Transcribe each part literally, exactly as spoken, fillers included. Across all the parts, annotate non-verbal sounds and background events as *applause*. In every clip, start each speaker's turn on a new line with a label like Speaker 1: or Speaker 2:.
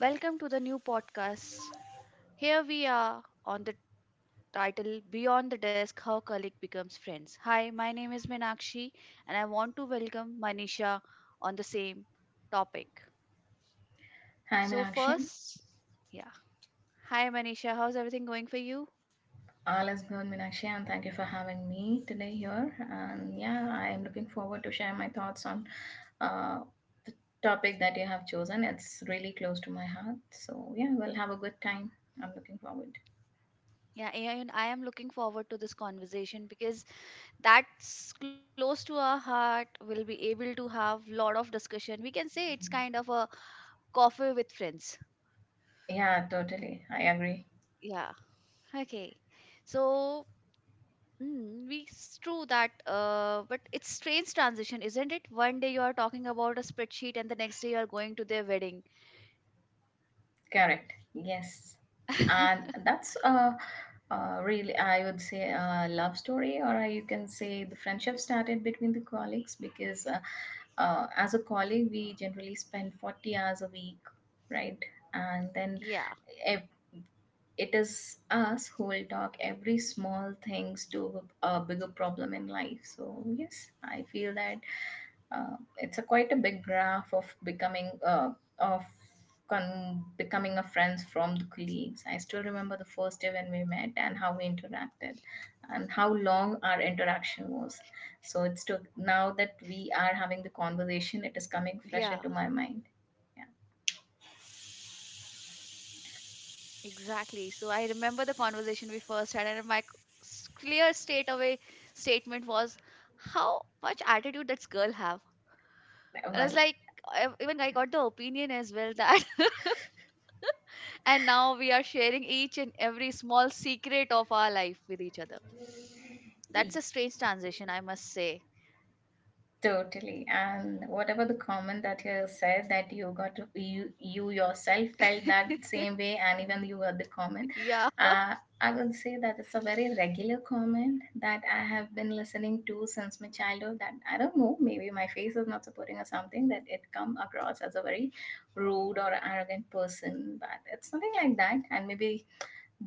Speaker 1: Welcome to the new podcast. Here we are on the title Beyond the Desk How Colleague Becomes Friends. Hi, my name is Meenakshi and I want to welcome Manisha on the same topic.
Speaker 2: Hi,
Speaker 1: So,
Speaker 2: Meenakshi.
Speaker 1: first, yeah. Hi, Manisha. How's everything going for you?
Speaker 2: All is good, Meenakshi, and thank you for having me today here. And yeah, I am looking forward to share my thoughts on uh, the topic that you have chosen. It's really close to my heart. So yeah, we'll have a good time. I'm looking forward.
Speaker 1: Yeah, and I am looking forward to this conversation because that's close to our heart. We'll be able to have lot of discussion. We can say it's kind of a coffee with friends.
Speaker 2: Yeah, totally. I agree.
Speaker 1: Yeah. Okay. So Mm, we- it's true that, uh, but it's strange transition, isn't it? One day you are talking about a spreadsheet, and the next day you are going to their wedding.
Speaker 2: Correct. Yes. And
Speaker 1: *laughs*
Speaker 2: that's uh, uh, really, I would say, a love story, or you can say the friendship started between the colleagues because uh, uh, as a colleague, we generally spend forty hours a week, right? And then
Speaker 1: Yeah,
Speaker 2: if it is us who will talk every small things to a bigger problem in life. So, yes, I feel that uh, it's a quite a big graph of becoming uh, of con- becoming a friends from the colleagues. I still remember the first day when we met and how we interacted, and how long our interaction was. So it's took, now
Speaker 1: yeah,
Speaker 2: that we are having the conversation, it is coming fresh into my mind.
Speaker 1: exactly. So I remember the conversation we first had, and my c- s- clear straight away statement was, "How much attitude does girl have?" And I was like, I- even I got the
Speaker 2: Yeah, well.
Speaker 1: opinion as well *laughs* that and now we are sharing each and every small secret of our life with each other. That's a strange transition, I must say.
Speaker 2: Totally. And whatever the comment that you said that you got to, you you yourself
Speaker 1: *laughs*
Speaker 2: felt that same way and even you got the
Speaker 1: Yeah.
Speaker 2: comment. Uh, I would say that it's a very regular comment that I have been listening to since my childhood, that I don't know, maybe my face is not supporting or something, that it come across as a very rude or arrogant person, but it's nothing like that. And maybe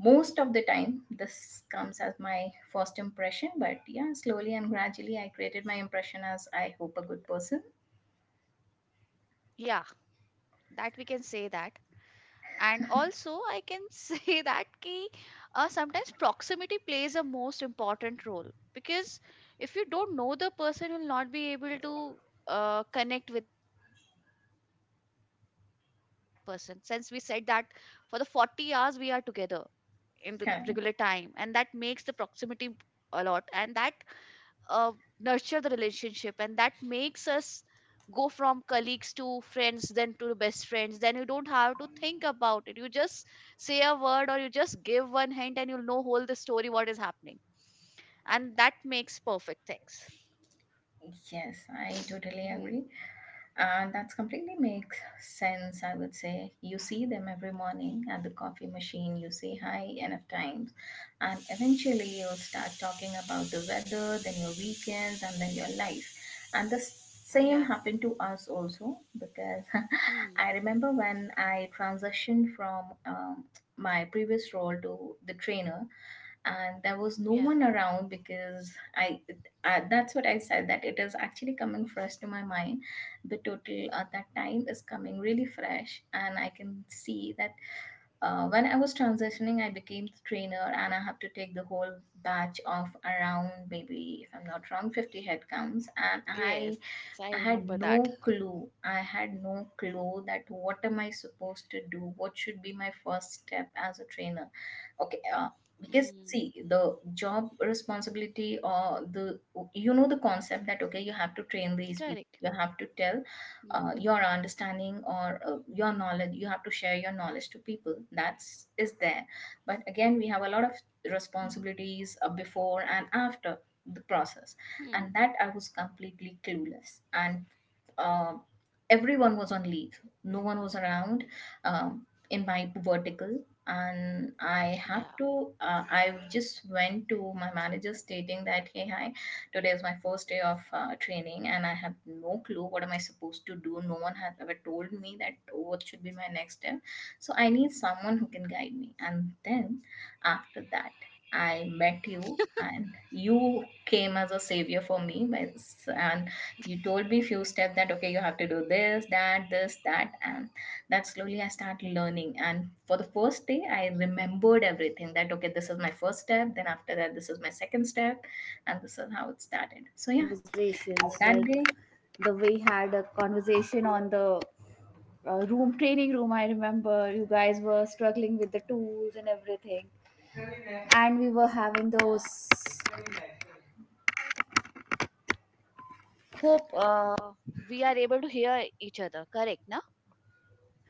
Speaker 2: most of the time this comes as my first impression, but yeah, slowly and gradually I created my impression as I hope a good person.
Speaker 1: Yeah, that we can say that. And also, I can *laughs* say that ki, uh, sometimes proximity plays a most important role because if you don't know the person, you'll not be able to uh, connect with that person. Since we said that for the forty hours we are together, in the regular time, and that makes the
Speaker 2: Can.
Speaker 1: proximity a lot, and that uh, nurture the relationship, and that makes us go from colleagues to friends then to best friends. Then you don't have to think about it, you just say a word or you just give one hint and you'll know whole the story what is happening, and that makes perfect things.
Speaker 2: Yes, I totally agree.
Speaker 1: Hmm.
Speaker 2: And that's completely makes sense, I would say. You see them every morning at the coffee machine, you say hi enough times, and eventually you'll start talking about the weather, then your weekends, and then your life. And the s- same
Speaker 1: Yeah.
Speaker 2: happened to us also because *laughs* I
Speaker 1: Hmm.
Speaker 2: remember when I transitioned from um, my previous role to the trainer, and there was no one
Speaker 1: Yeah.
Speaker 2: around because I, I that's what I said, that it is actually coming fresh to my mind. The total at that time is coming really fresh, and I can see that uh, when I was transitioning, I became the trainer, and I have to take the whole batch of around, maybe if I'm not wrong, fifty headcounts, and I
Speaker 1: Yes, I
Speaker 2: I
Speaker 1: remember
Speaker 2: had
Speaker 1: that.
Speaker 2: no clue. I had no clue that what am I supposed to do. What should be my first step as a trainer? Okay. Uh,
Speaker 1: Hmm.
Speaker 2: because
Speaker 1: Hmm.
Speaker 2: see, the job responsibility, or the, you know, the concept that okay, you have to train these people.
Speaker 1: Correct.
Speaker 2: You have to tell uh,
Speaker 1: Hmm.
Speaker 2: your understanding or uh, your knowledge. You have to share your knowledge to people. That's is there. But again, we have a lot of responsibilities uh, before and after the process, and
Speaker 1: Hmm.
Speaker 2: that I was completely clueless. And um, everyone was on leave. No one was around um, in my vertical, and I have
Speaker 1: Yeah.
Speaker 2: to. Uh, I just went to my manager stating that, "Hey, hi, today is my first day of uh, training, and I have no clue what am I supposed to do. No one has ever told me that oh, what should be my next step. So I need someone who can guide me." And then after that. I met you, and you came as a savior for me, by, and you told me few steps that okay, you have to do this, that, this, that, and that slowly I start learning. And for the first day I remembered everything, that okay, this is my first step, then after that this is my second step, and this
Speaker 1: Even
Speaker 2: is
Speaker 1: I
Speaker 2: how it
Speaker 1: remember
Speaker 2: started.
Speaker 1: those
Speaker 2: So yeah, on
Speaker 1: conversations,
Speaker 2: that
Speaker 1: like
Speaker 2: day.
Speaker 1: the way had a conversation on the uh, room training room. I remember you guys were struggling with the tools and everything, and we were having those. Hope uh, we are able to hear each other. Correct, no?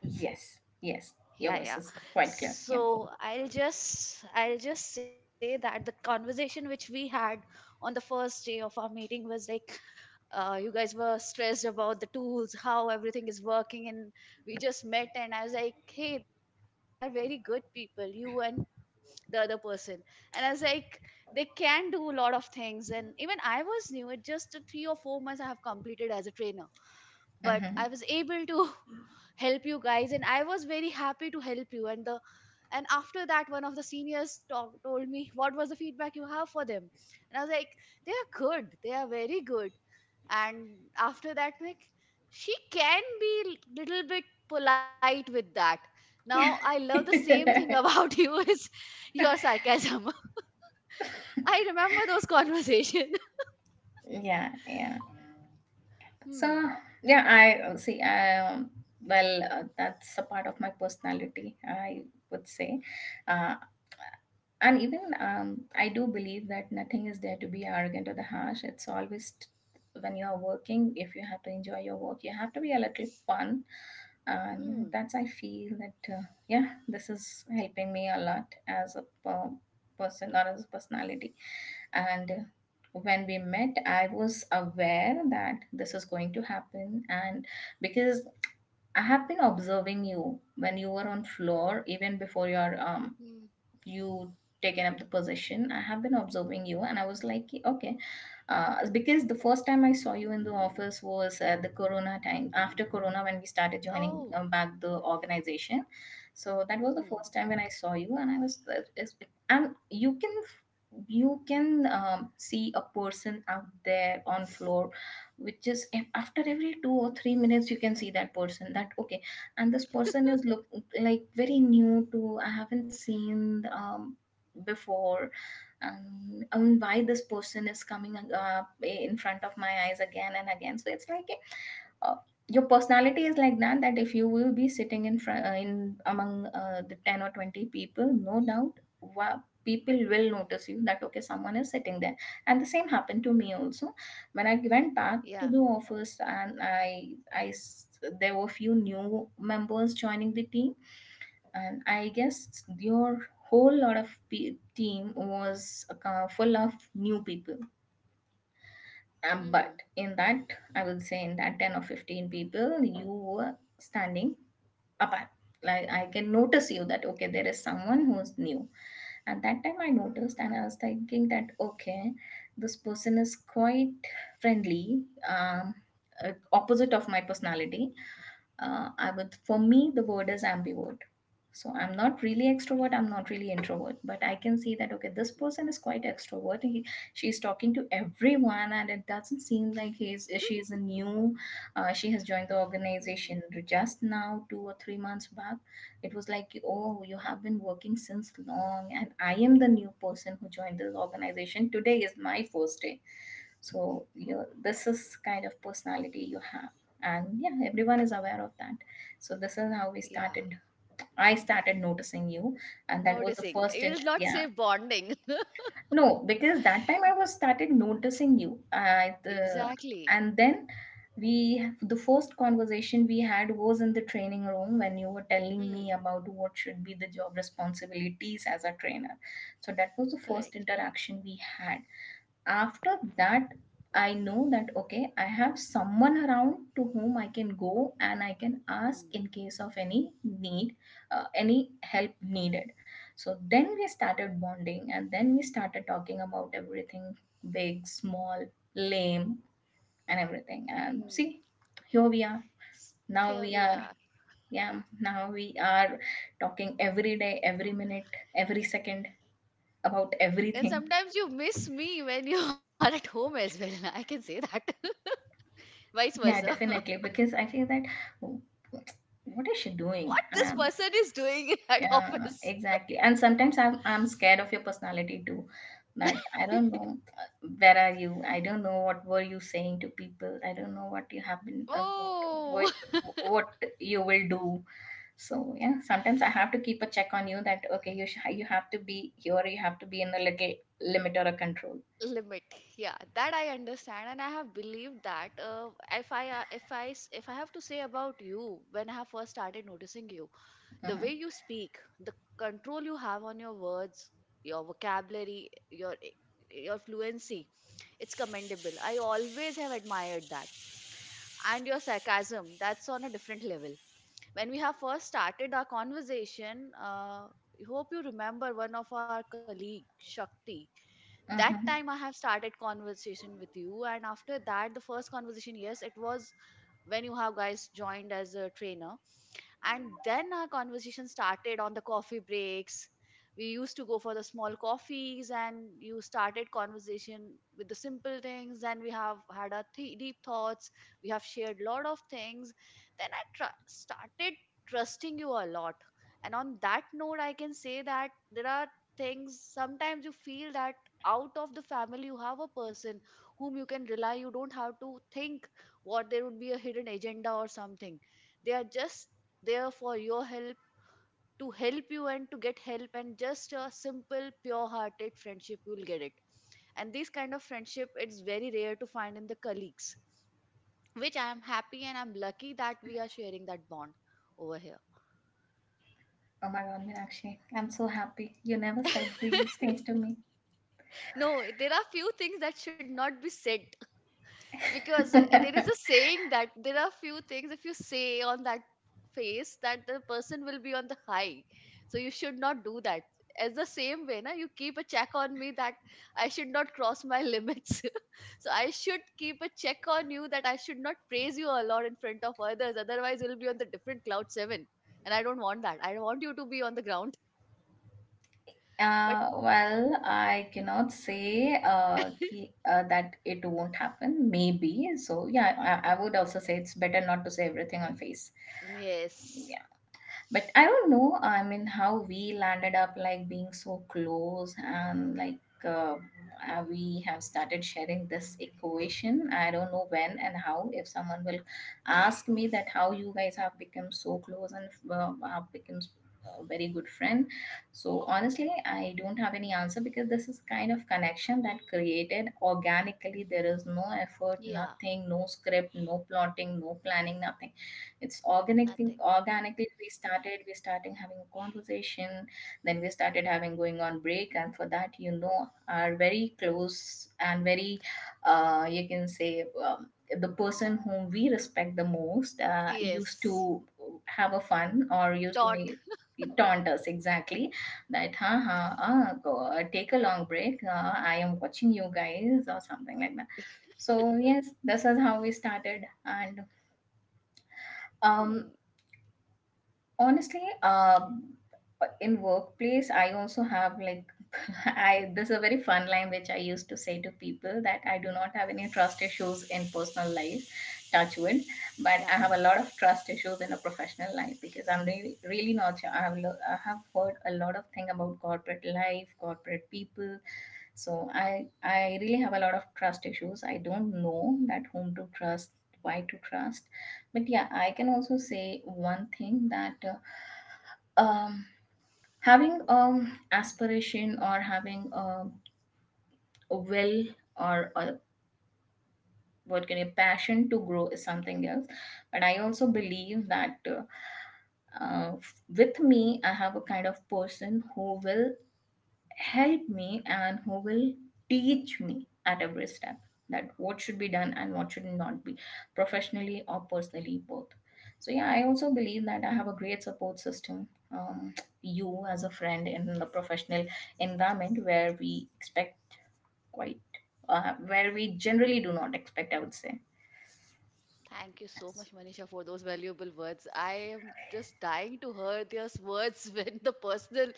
Speaker 2: Yes, yes. Your
Speaker 1: Yeah,
Speaker 2: voice
Speaker 1: yeah.
Speaker 2: is quite clear, yeah.
Speaker 1: So I'll just I'll just say that the conversation which we had on the first day of our meeting was like, uh, you guys were stressed about the tools, how everything is working, and we just met, and I was like, hey, they are very good people, you and the other person, and I was like, they can do a lot of things, and even I was new. It just uh, three or four months I have completed as a trainer, but I
Speaker 2: Hmm.
Speaker 1: was able to *laughs* help you guys, and I was very happy to help you, and the and after that one of the seniors talk, told me what was the feedback you have for them. And I was like, they are good, they are very good. And after that, like, she can be l- little bit polite with that. Now I love the same thing
Speaker 2: *laughs*
Speaker 1: about *laughs* you is your sarcasm. *laughs* I remember those conversations.
Speaker 2: Yeah, yeah.
Speaker 1: *laughs*
Speaker 2: So
Speaker 1: Hmm.
Speaker 2: yeah, I see. Um well uh, that's a part of my personality, I would say. uh And even um, I do believe that nothing is there to be arrogant or the harsh. It's always t- when you are working, if you have to enjoy your work, you have to be a little fun. And
Speaker 1: Hmm.
Speaker 2: that's, I feel that, uh, yeah, this is helping me a lot as a per- person or as a personality. And uh, when we met, I was aware that this is going to happen, and because I have been observing you when you were on floor, even before your
Speaker 1: Hmm.
Speaker 2: um, you taken up the position. I have been observing you and I was like okay. Uh, because the first time I saw you in the office was at the corona time, after corona when we started joining
Speaker 1: Oh.
Speaker 2: um, back the organization. So that was the
Speaker 1: Hmm.
Speaker 2: first time when I saw you, and I was. it's- and you can you can um, see a person out there on floor, which is, if after every two or three minutes you can see that person, that okay, and this person is look like very new to. I haven't seen um, before. And, and why this person is coming uh, in front of my eyes again and again. So it's like, uh, your personality is like that, that if you will be sitting in front uh, in among uh, the ten or twenty people, no doubt, wow, people will notice you that okay, someone is sitting there. And the same happened to me also when I went back
Speaker 1: Yeah.
Speaker 2: to the office and i i s- there were few new members joining the team, and I guess your whole lot of pe- team was uh, full of new people.
Speaker 1: Hmm.
Speaker 2: Um, but in that, I would say in that ten or fifteen people, you were standing apart. Like I can notice you that, okay, there is someone who's new. At that time, I
Speaker 1: Hmm.
Speaker 2: noticed and I was thinking that, okay, this person is quite friendly, um, uh, opposite of my personality. uh, I would, for me the word is ambivert. So I'm not really
Speaker 1: Yeah.
Speaker 2: extrovert, I'm not really introvert, but I can see that okay, this
Speaker 1: Hmm.
Speaker 2: person is quite extrovert. He, she's talking to everyone, and it doesn't seem like he's she is a new. Uh, she has joined the
Speaker 1: Hmm.
Speaker 2: organization just now, two or three months back. It was like oh, you have been working since long, and I am the new person who joined this organization. Today is my first day. So you know, this is kind of personality you have, and yeah, everyone is aware of that. So this is how we
Speaker 1: Yeah.
Speaker 2: started. I started noticing you, and that was the
Speaker 1: Noticing, it
Speaker 2: first
Speaker 1: will
Speaker 2: in,
Speaker 1: not say
Speaker 2: yeah.
Speaker 1: bonding.
Speaker 2: No, because that time I was started noticing you, I the.
Speaker 1: Exactly.
Speaker 2: And then, we the first conversation we had was in the training room when you were telling me
Speaker 1: Hmm.
Speaker 2: about what should be the job responsibilities as a trainer. So that was the first
Speaker 1: Correct.
Speaker 2: interaction we had. After that, I know that okay, I have someone around to whom I can go and I can ask
Speaker 1: Hmm.
Speaker 2: in case of any need, uh, any help needed. So then we started bonding, and then we started talking about everything, big, small, lame, and everything. And see,
Speaker 1: Hmm.
Speaker 2: here we are.
Speaker 1: S-
Speaker 2: Now
Speaker 1: Here
Speaker 2: we
Speaker 1: we
Speaker 2: are,
Speaker 1: are.
Speaker 2: yeah, now we are talking every day, every minute, every second, about
Speaker 1: And
Speaker 2: everything.
Speaker 1: sometimes you miss me when you *laughs* are at home as well. *laughs* I can say that. *laughs* Vice versa.
Speaker 2: Yeah,
Speaker 1: *laughs*
Speaker 2: definitely. Because I feel that, "Oh, what is she doing?
Speaker 1: What this
Speaker 2: Um,
Speaker 1: person is doing in that
Speaker 2: yeah,
Speaker 1: office?
Speaker 2: exactly." And sometimes I'm I'm scared of your personality too. That I don't know uh, where are you. I don't know what were you saying to people. I don't know what you have been uh, what
Speaker 1: Oh.
Speaker 2: what what you will do. So yeah, sometimes I have to keep a check on you. That okay, you sh- you have to be here. You have to be in a little limit or a control.
Speaker 1: *laughs* Limit. Yeah, that I understand, and I have believed that. Uh, if I, uh, if I, s- if I have to say about you, when I have first started noticing you, the
Speaker 2: Mm-hmm.
Speaker 1: way you speak, the control you have on your words, your vocabulary, your your fluency, it's commendable. I always have admired that. And your sarcasm, that's on a different level. When we have first started our conversation, uh, I hope you remember one of our colleague, Shakti. That
Speaker 2: Mm-hmm.
Speaker 1: time I have started conversation with you, and after that, the first conversation, yes, it was when you have guys joined as a trainer, and then our conversation started on the coffee breaks. We used to go for the small coffees, and you started conversation with the simple things. Then we have had our th- deep thoughts. We have shared lot of things. Then I tr- started trusting you a lot. And on that note, I can say that there are things sometimes you feel that out of the family you have a person whom you can rely. You don't have to think what there would be a hidden agenda or something. They are just there for your help, to help you and to get help, and just a simple pure hearted friendship you will get it. And this kind of friendship, it's very rare to find in the colleagues, which I am happy and I'm lucky that we are sharing that bond over here.
Speaker 2: Oh my God, Meenakshi, I'm so happy. You never said these
Speaker 1: *laughs*
Speaker 2: things to me.
Speaker 1: No, there are few things that should not be said because eh, there is a
Speaker 2: *laughs*
Speaker 1: saying that there are few things, if you say on that face, that the person will be on the high, so you should not do that. As the same way na, you keep a check on me that I should not cross my limits, *laughs* so I should keep a check on you that I should not praise you a lot in front of others, otherwise you'll be on the different cloud seven, and I don't want that. I want you to be on the ground. But
Speaker 2: Uh, well, I cannot say uh, ki, uh, that it won't happen. Maybe. So, yeah, I, I
Speaker 1: hmm,
Speaker 2: would also say it's better not to say everything on face.
Speaker 1: yes.
Speaker 2: But I don't know, I mean, how we landed up like being so close and like uh, uh, we have started sharing this equation. I don't know when and how. If someone will ask me that how you guys have become so close and uh, have become a very good friend. So honestly, I don't have any answer, because this is kind of connection that created organically. There is no effort,
Speaker 1: Yeah.
Speaker 2: nothing, no script, no plotting, no planning, nothing. It's
Speaker 1: Nothing.
Speaker 2: organically. Organically we started we starting having a conversation. Then we started having going on break, and for that, you know are very close, and very, uh, you can say, um, the person whom we respect the most uh, used
Speaker 1: Yes.
Speaker 2: to have a fun or used to
Speaker 1: Dot.
Speaker 2: make taunt us, exactly. That, ha ha, uh, go, uh, take a long break, uh, I am watching you guys, or something like that. So yes, this is how we started. And
Speaker 1: Hmm,
Speaker 2: um honestly, um in workplace I also have, like, *laughs* I there's a very fun line which I used to say to people, that I do not have any trust issues in personal life, touch wood, but I have a lot of trust issues in a professional life
Speaker 1: yeah.
Speaker 2: because I'm really, really not sure. i have lo- I have heard a lot of thing about corporate life, corporate people. So i i really have a lot of trust issues. I don't know that whom to trust, why to trust. But yeah, I can also say one thing, that uh, um, having um aspiration, or having, um, a will, or a, what can, a passion to grow is something else. But I also believe that, uh, uh, with me, I have a kind of person who will help me and who will teach me at every step, that what should be done and what should not be, professionally or personally, both. So yeah, I also believe that I have a great support system. Um, you, as a friend in the professional environment, where we expect quite, uh, where we generally do not expect, I would say.
Speaker 1: Thank you so much, Manisha, for those valuable words. I am just dying to hear those words *laughs* when the personal,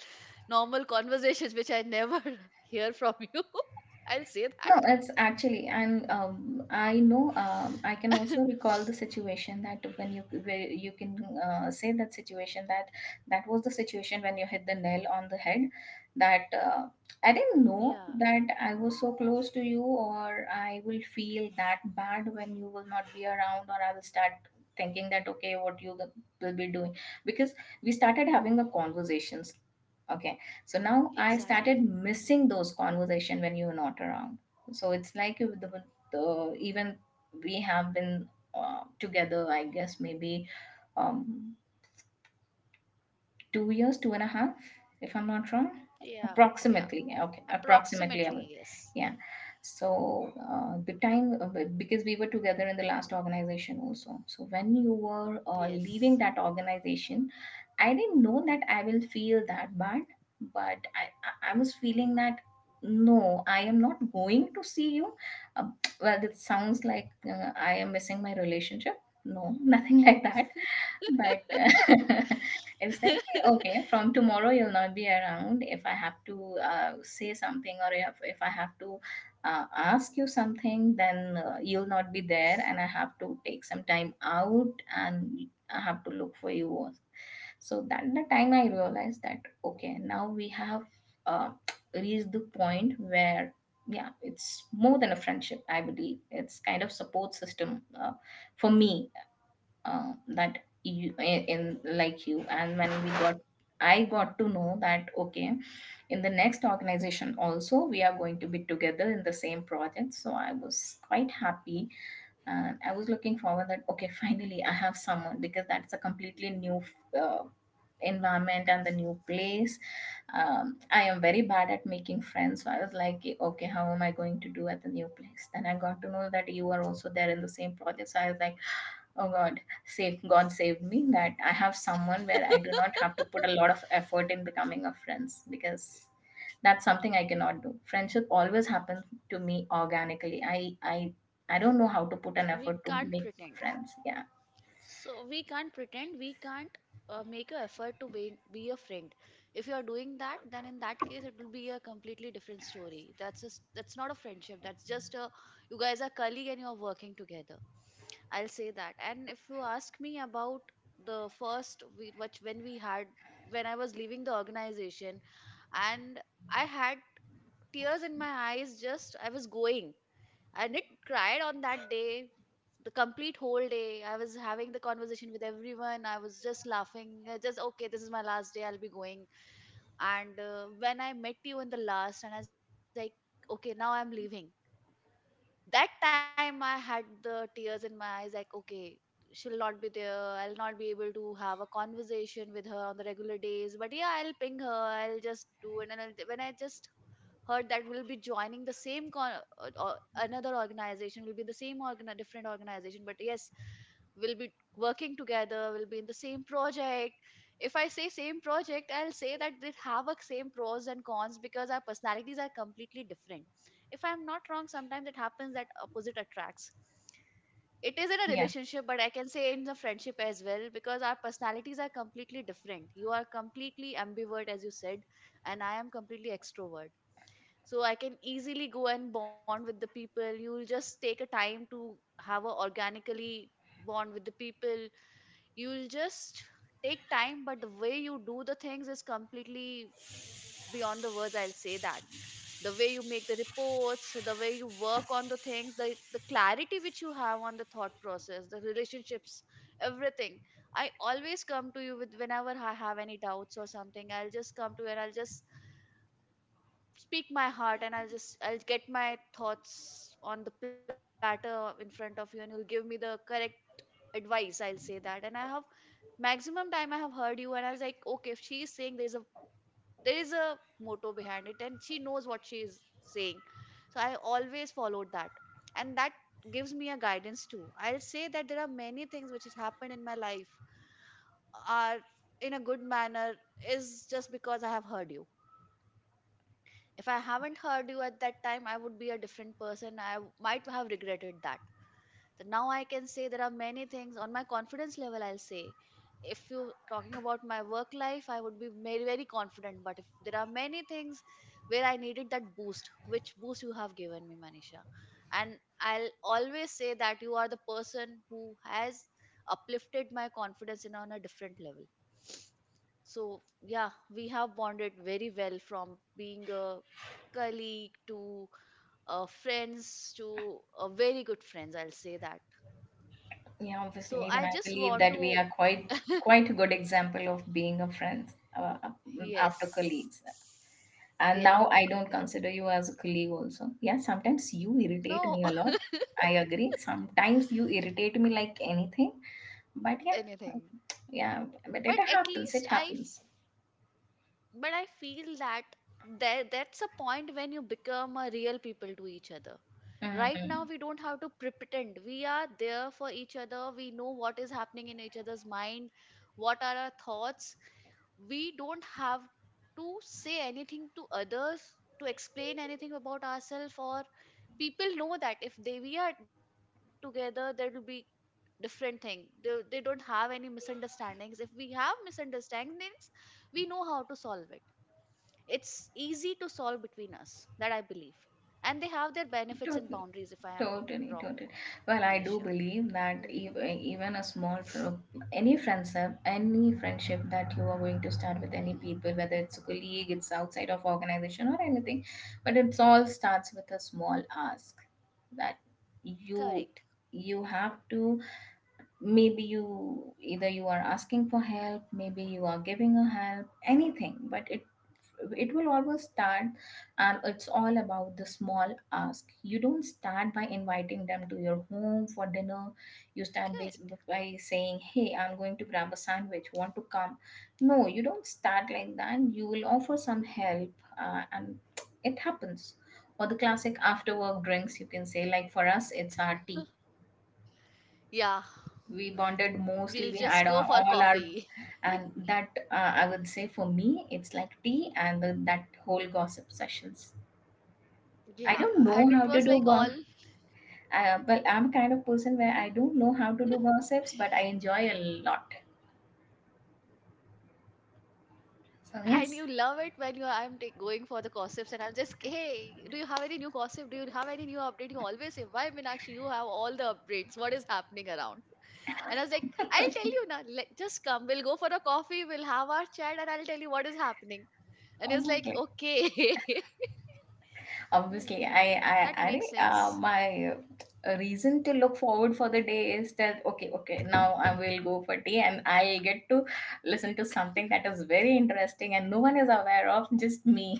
Speaker 1: normal conversations, which I never *laughs* hear from you. *laughs* I'll say
Speaker 2: No, it's actually, and um,
Speaker 1: that.
Speaker 2: I know, um, I can also recall the situation, that when you, where you can uh, say that situation, that that was the situation when you hit the nail on the head.
Speaker 1: *laughs*
Speaker 2: That,
Speaker 1: Yeah,
Speaker 2: uh, I didn't know that I was so close to you, or I will feel that bad when you will not be around, or I will start thinking that, okay, what you will be doing, because we started having the conversations. Okay, so
Speaker 1: exactly.
Speaker 2: now I started missing those conversation when you were not around. So it's like with the, the even, we have been uh, together, I guess. Maybe, um, two years, two and a half, if I'm not wrong.
Speaker 1: Yeah, yeah.
Speaker 2: Approximately, yeah, okay, approximately, I will.
Speaker 1: Approximately, yes.
Speaker 2: Yeah. So uh, the time, uh, but- because we were together in the last organization also. So when you were
Speaker 1: Yes.
Speaker 2: uh, leaving that organization, I didn't know that I will feel that bad, but I, I I was feeling that, no, I am not going to see you. Uh, well, it sounds like, uh, I am missing my relationship. No, *laughs* nothing like that. But, uh, *laughs* it's like, okay,
Speaker 1: *laughs*
Speaker 2: from tomorrow you'll not be around. If I have to uh, say something, or if, if I have to uh, ask you something, then, uh, you'll not be there, and I have to take some time out, and I have to look for you. So that the time I realized that, okay, now we have uh, *tsk* reached the point where, yeah, it's more than a friendship. I believe it's kind of support system uh, for me, uh, that you in, like, you, and when we got I got to know that, okay, in the next organization also, we are going to be together in the same project, so I was quite happy. And I was looking forward that, okay, finally I have someone, because that's a completely new, uh, environment, and the new place. um, I am very bad at making friends, so I was like, okay, how am I going to do at the new place? Then I got to know that you are also there in the same project, so I was like, oh God, save God saved me, that I have someone where I do not have to put a lot of effort in becoming a friends, because that's something I cannot do. Friendship always happens to me organically. I I I don't know how to put an
Speaker 1: We
Speaker 2: effort to
Speaker 1: can't
Speaker 2: make
Speaker 1: pretend.
Speaker 2: friends. Yeah.
Speaker 1: So we can't pretend, we can't uh, make an effort to be, be a friend. If you are doing that, then in that case, it will be a completely different story. That's just that's not a friendship. That's just a you guys are colleague and you are working together. I'll say that. And if you ask me about the first we, which when we had, when I was leaving the organization, and I had tears in my eyes. Just I was going and it cried on that day. The complete whole day I was having the conversation with everyone. I was just laughing, uh, just okay this is my last day, I'll be going. And uh, when I met you in the last, and I was like, okay, now I'm leaving. That time I had the tears in my eyes, like, okay, she'll not be there, I'll not be able to have a conversation with her on the regular days. But yeah, I'll ping her, I'll just do it. And I'll, when I just heard that will be joining the same con- or, or another organization, will be the same organ- different organization. But yes, will be working together, will be in the same project. If I say same project, I'll say that they have a same pros and cons because our personalities are different. If I'm not wrong, sometimes it happens that opposite attracts. It is in a
Speaker 2: Yeah.
Speaker 1: relationship, but I can say in the friendship as well, because our personalities are completely different. You are completely ambivert as you said, and I am completely extrovert. So I can easily go and bond with the people. You'll just take a time to have a organically bond with the people. You'll just take time, but the way you do the things is completely beyond the words, I'll say that. The way you make the reports, the way you work on the things, the, the clarity which you have on the thought process, the relationships, everything. I always come to you with whenever I have any doubts or something. I'll just come to you and I'll just speak my heart, and I'll just I'll get my thoughts on the platter in front of you, and you'll give me the correct advice, I'll say that. And I have maximum time I have heard you, and I was like, okay, if she is saying, there's a there is a motto behind it, and she knows what she is saying. So I always followed that. And that gives me a guidance too, I'll say that. There are many things which has happened in my life are in a good manner, is just because I have heard you. If I haven't heard you at that time, I would be a different person. I w- might have regretted that. So now I can say there are many things on my confidence level, I'll say, if you talking about my work life, I would be very very confident. But if there are many things where I needed that boost, which boost you have given me, Manisha, and I'll always say that you are the person who has uplifted my confidence in on a different level. So, yeah, we have bonded very well from being a colleague to uh, friends to uh, very good friends, I'll say that.
Speaker 2: Yeah, obviously.
Speaker 1: So,
Speaker 2: Even
Speaker 1: I
Speaker 2: I
Speaker 1: just
Speaker 2: believe
Speaker 1: want
Speaker 2: that we
Speaker 1: to,
Speaker 2: are quite, quite a good example of being a friend, uh, after colleagues.
Speaker 1: yes, yeah,
Speaker 2: And now I
Speaker 1: yeah,
Speaker 2: don't consider you as a colleague also. Yeah, sometimes you
Speaker 1: no,
Speaker 2: irritate me a lot. I agree, sometimes you irritate me like anything. But
Speaker 1: *laughs*
Speaker 2: yeah,
Speaker 1: anything.
Speaker 2: yeah, but
Speaker 1: But
Speaker 2: it
Speaker 1: at
Speaker 2: happens,
Speaker 1: least
Speaker 2: it
Speaker 1: I
Speaker 2: happens.
Speaker 1: but I feel that there that's a point when you become a real people to each other. Right now
Speaker 2: Hmm.
Speaker 1: we don't have to pre- pretend we are there for each other. We know what is happening in each other's mind, what are our thoughts. We don't have to say anything to others, to explain anything about ourselves. Or people know that if they we are together there will be different thing. They, they don't have any misunderstandings. If we have misunderstandings, we know how to solve it. It's easy to solve between us, that I believe. And they have their benefits and boundaries, if I am
Speaker 2: Totally,
Speaker 1: wrong,
Speaker 2: totally. Well,
Speaker 1: Manisha.
Speaker 2: I do believe
Speaker 1: Hmm.
Speaker 2: that, ev- even a small, fr- any friendship, any friendship that you are going to start with
Speaker 1: Hmm.
Speaker 2: any people, whether it's a colleague, it's outside of organization or anything, but it's all starts with a small ask, that
Speaker 1: Correct,
Speaker 2: you you have to, maybe you, either you are asking for help, maybe you are giving a help, anything, but it it will always start. And it's all about the small ask. You don't start by inviting them to your home for dinner. You start by,
Speaker 1: correct.
Speaker 2: by saying, hey, I'm going to grab a sandwich, want to come? No, you don't start like that. You will offer some help, uh, and *tsk* it happens. Or the classic after work drinks, you can say, like, for us it's our tea.
Speaker 1: Yeah,
Speaker 2: We bonded mostly,
Speaker 1: we'll
Speaker 2: we
Speaker 1: just
Speaker 2: had
Speaker 1: go
Speaker 2: a-
Speaker 1: for
Speaker 2: all our,
Speaker 1: coffee. *laughs*
Speaker 2: and that, uh, I would say for me it's like tea and the, that whole gossip sessions. I
Speaker 1: Yeah,
Speaker 2: don't know
Speaker 1: and
Speaker 2: how
Speaker 1: it
Speaker 2: to
Speaker 1: was
Speaker 2: do
Speaker 1: like
Speaker 2: go
Speaker 1: all.
Speaker 2: uh, but I'm kind of person where I don't know how to do gossips, but I enjoy a lot.
Speaker 1: And you love it when you i'm
Speaker 2: So
Speaker 1: take, going
Speaker 2: yes,
Speaker 1: for the gossips, and I'm just, hey, do you have any new gossip, do you have any new update? You always say, why Minakshi, you have all the updates, what is happening around? And I was like, I'll tell you now, let, just
Speaker 2: *laughs*
Speaker 1: come. We'll go for a coffee, we'll have our chat, and I'll tell you what is happening. And he was like, okay. *laughs*
Speaker 2: okay,
Speaker 1: mm, that
Speaker 2: obviously,
Speaker 1: makes
Speaker 2: i
Speaker 1: sense.
Speaker 2: i i think, uh, my uh, reason to look forward for the day is that, okay, okay, now I will go for tea and I'll get to listen to something that is very interesting and no one is aware of just me.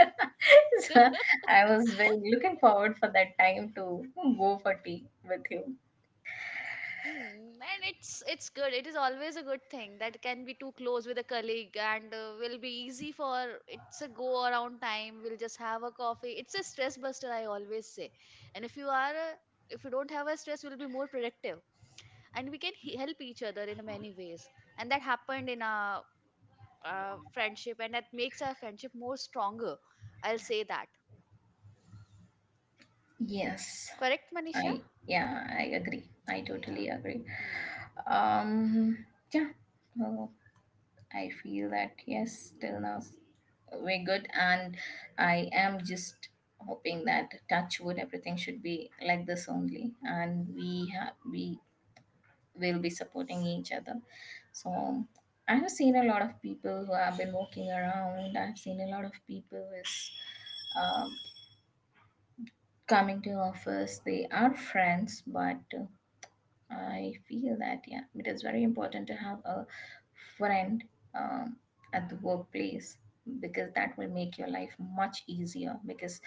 Speaker 2: *laughs*
Speaker 1: *laughs*
Speaker 2: So I was very looking forward for that time to go for tea with you.
Speaker 1: Mm, and it's it's good. It is always a good thing that can be too close with a colleague, and uh, will be easy for it's a go around time. We'll just have a coffee. It's a stress buster, I always say. And if you are a, if you don't have a stress, we'll be more productive and can he- help each other in many ways. And that happened in a uh, friendship, and that makes our friendship more stronger, I'll say that.
Speaker 2: Yes,
Speaker 1: Correct, Manisha?
Speaker 2: I, yeah, I agree, I
Speaker 1: Yeah.
Speaker 2: totally agree.
Speaker 1: Hmm.
Speaker 2: um yeah, so I feel that, yes, till now we're good. And I am just hoping that, touch wood, everything should be like this only, and we have, we will be supporting each other. So I have seen a lot of people who have been walking around, I've seen a lot of people is uh, coming to office, they are friends, but, uh, I feel that, yeah, it is very important to have a friend, um, at the workplace, because that will make your life much easier, because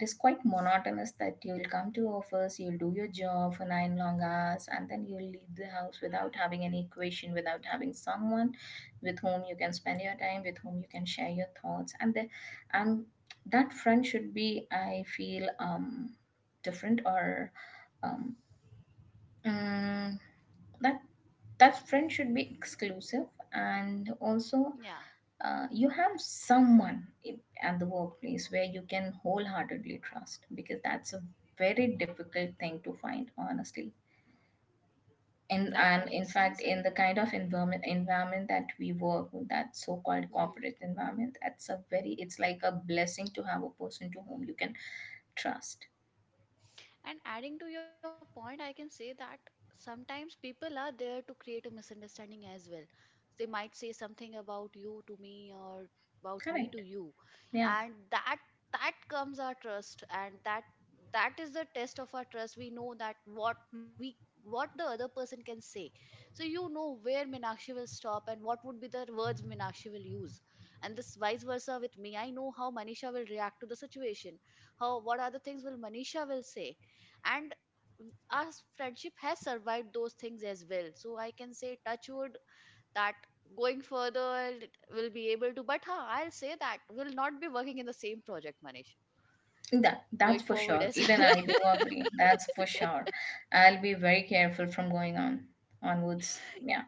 Speaker 2: it is quite monotonous, that you'll come to office, you'll do your job for nine long hours, and then you'll leave the house without having any equation, without having someone with whom you can spend your time, with whom you can share your thoughts, and the, and that friend should be, I feel, um different, or, um, uh, that that friend should be exclusive. And also,
Speaker 1: Yeah.
Speaker 2: uh, you have someone in- at the workplace where you can wholeheartedly trust, because that's a very difficult thing to find, honestly. and
Speaker 1: That
Speaker 2: and
Speaker 1: makes
Speaker 2: in
Speaker 1: sense.
Speaker 2: fact,
Speaker 1: And
Speaker 2: in the kind of environment environment that we work with, that so-called
Speaker 1: hmm.
Speaker 2: corporate environment, that's a very, it's like a blessing to have a person to whom you can trust.
Speaker 1: And adding to your point, I can say that sometimes people are there to create a misunderstanding as well. They might say something about you to me, or about me to
Speaker 2: Correct,
Speaker 1: you.
Speaker 2: yeah.
Speaker 1: And that that comes our trust, and that that is the test of our trust. We know that what we what the other person can say. So you know where Minakshi will stop and what would be the words Minakshi will use. And this vice versa with me. I know how Manisha will react to the situation, how, what other things will Manisha will say. And our friendship has survived those things as well, so I can say, touch wood, that going further will be able to, but huh, I'll say that we'll not be working in the same project, manish
Speaker 2: That, that's
Speaker 1: going
Speaker 2: for
Speaker 1: forward
Speaker 2: sure.
Speaker 1: as
Speaker 2: Even I
Speaker 1: *laughs*
Speaker 2: do agree. That's for sure. I'll be very careful from going on onwards. Yeah.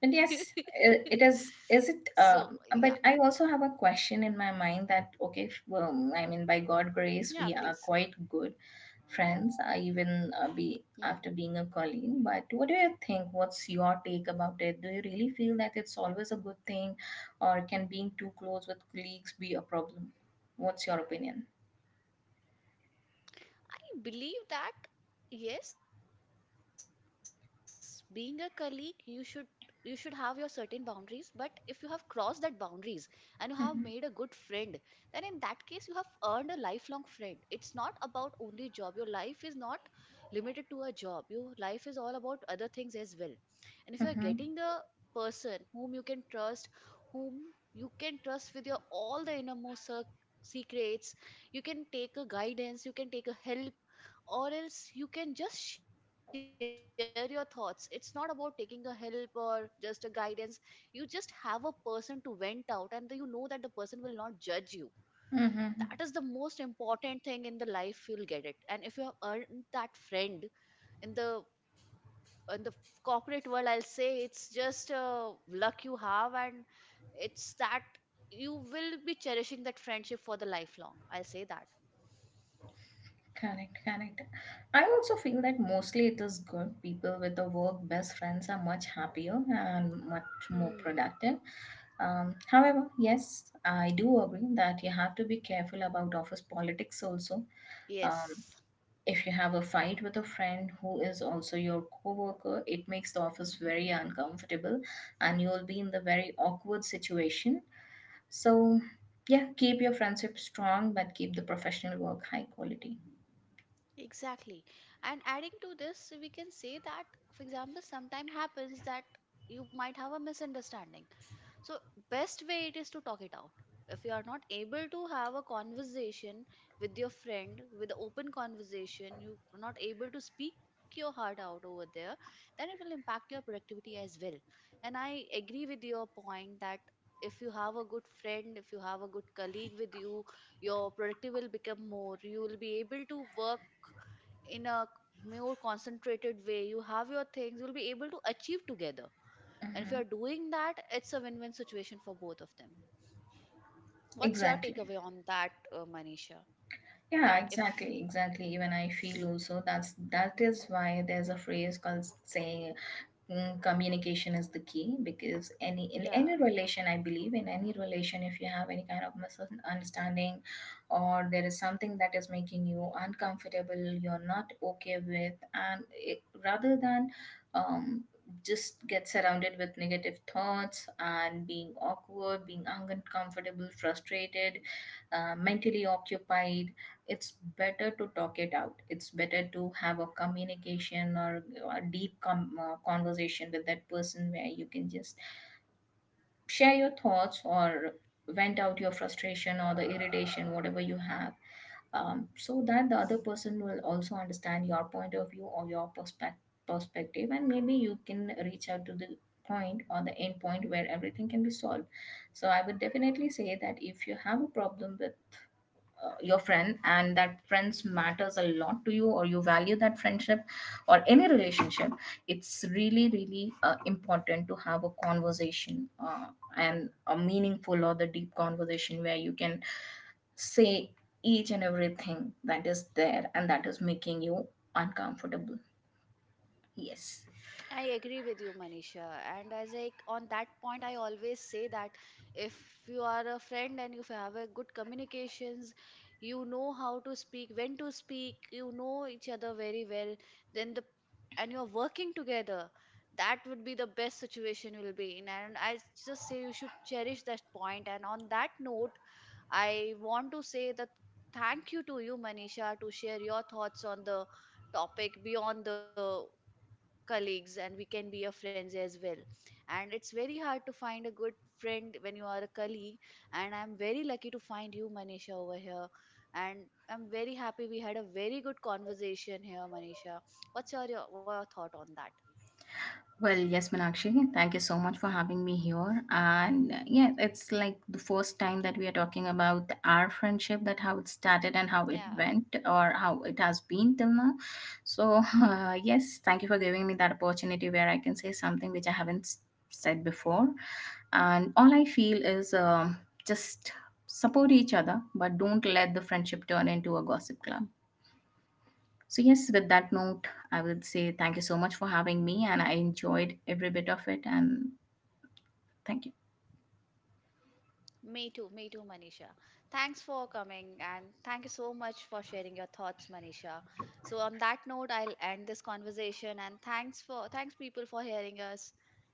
Speaker 2: But yes,
Speaker 1: so
Speaker 2: I-
Speaker 1: yeah,
Speaker 2: it is. Is it? Um, but I also have a question in my mind, that okay, if, well,
Speaker 1: yeah,
Speaker 2: I mean,
Speaker 1: please.
Speaker 2: by God grace, we are quite good friends. I
Speaker 1: Hmm.
Speaker 2: even, uh, be after being a colleague. But what do you think? What's your take about it? Do you really feel that it's always a good thing, or can being too close with colleagues be a problem? What's your opinion?
Speaker 1: I believe that yes, being a colleague, you should you should have your certain boundaries, but if you have crossed that boundaries and you have made a good friend, then in
Speaker 2: *laughs*
Speaker 1: that case you have earned a lifelong friend. It's not about only job. Your life is not limited to a job. Your life is all about other things as well. And if you are getting a
Speaker 2: Mm-hmm.
Speaker 1: person whom you can trust, whom you can trust with your all the innermost circ- secrets, you can take a guidance, you can take a help, or else you can just share your thoughts. It's not about taking a help or just a guidance. You just have a person to vent out, and you know that the person will not judge you. That is the
Speaker 2: Mm-hmm.
Speaker 1: most important thing in the life you'll get it, and if you have earned that friend in the in the corporate world, I'll say it's just a luck you have. And it's that you will be cherishing that friendship for the lifelong, I'll say that.
Speaker 2: Correct, correct. I also feel that mostly it is good. People with the work best friends are much happier and much more
Speaker 1: Hmm.
Speaker 2: productive. Um, however, yes, I do agree that you have to be careful about office politics also. Um,
Speaker 1: Yes,
Speaker 2: if you have a fight with a friend who is also your coworker, it makes the office very uncomfortable, and you will be in the very awkward situation. So, yeah, keep your friendship strong, but keep the professional work high quality.
Speaker 1: exactly. And adding to this, we can say that, for example, sometime happens that you might have a misunderstanding. So best way it is to talk it out. If you are not able to have a conversation with your friend, with open conversation you are not able to speak your heart out over there, then it will impact your productivity as well. And I agree with your point that if you have a good friend, if you have a good colleague with you, your productivity will become more. You will be able to work in a more concentrated way. You have your things, you'll be able to achieve together. And if
Speaker 2: Hmm.
Speaker 1: you're doing that, it's a win win situation for both of them. What's your
Speaker 2: Exactly.
Speaker 1: takeaway on that, uh, Manisha?
Speaker 2: Yeah,
Speaker 1: That if,
Speaker 2: exactly, exactly. Even I feel also that's, that is why there's a phrase called saying, mm, communication is the key, because any, in
Speaker 1: yeah.
Speaker 2: any relation, I believe, in any relation, if you have any kind of misunderstanding, or there is something that is making you uncomfortable, you're not okay with, and it, rather than, um, just get surrounded with negative thoughts, and being awkward, being uncomfortable, frustrated, uh, mentally occupied, it's better to talk it out. It's better to have a communication, or a deep com- uh, conversation with that person, where you can just share your thoughts, or vent out your frustration or the irritation, whatever you have, um, so that the other person will also understand your point of view, or your perspec- perspective, and maybe you can reach out to the point, or the end point, where everything can be solved. So I would definitely say that, if you have a problem with uh, your friend, and that friends matters a lot to you, or you value that friendship, or any relationship, it's really, really uh, important to have a conversation, uh, and a meaningful, or the deep conversation, where you can say each and everything that is there, and that is making you uncomfortable. Yes.
Speaker 1: I agree with you, Manisha. And as like on that point, I always say that if you are a friend and if you have a good communications, you know how to speak, when to speak, you know each other very well, then the and you're working together, that would be the best situation you'll be in. And I just say you should cherish that point. And on that note, I want to say that thank you to you, Manisha, to share your thoughts on the topic beyond the colleagues, and we can be a friends as well. And it's very hard to find a good friend when you are a colleague, and I'm very lucky to find you, Manisha, over here. And I'm very happy we had a very good conversation here, Manisha. What's your, your, your thought on that?
Speaker 2: Well, yes, Meenakshi, thank you so much for having me here. And, uh, yeah, it's like the first time that we are talking about our friendship, that how it started and how it
Speaker 1: Yeah,
Speaker 2: went, or how it has been till now. So, *laughs* uh, yes, thank you for giving me that opportunity where I can say something which I haven't s- said before. And all I feel is, um, just support each other, but don't let the friendship turn into a gossip club. So, yes, with that note, I would say thank you so much for having me, and I enjoyed every bit of it. And thank you.
Speaker 1: me too, me too, Manisha. Thanks for coming, and thank you so much for sharing your thoughts, Manisha. So on that note I'll end this conversation, and thanks for thanks people for hearing us. Bye bye.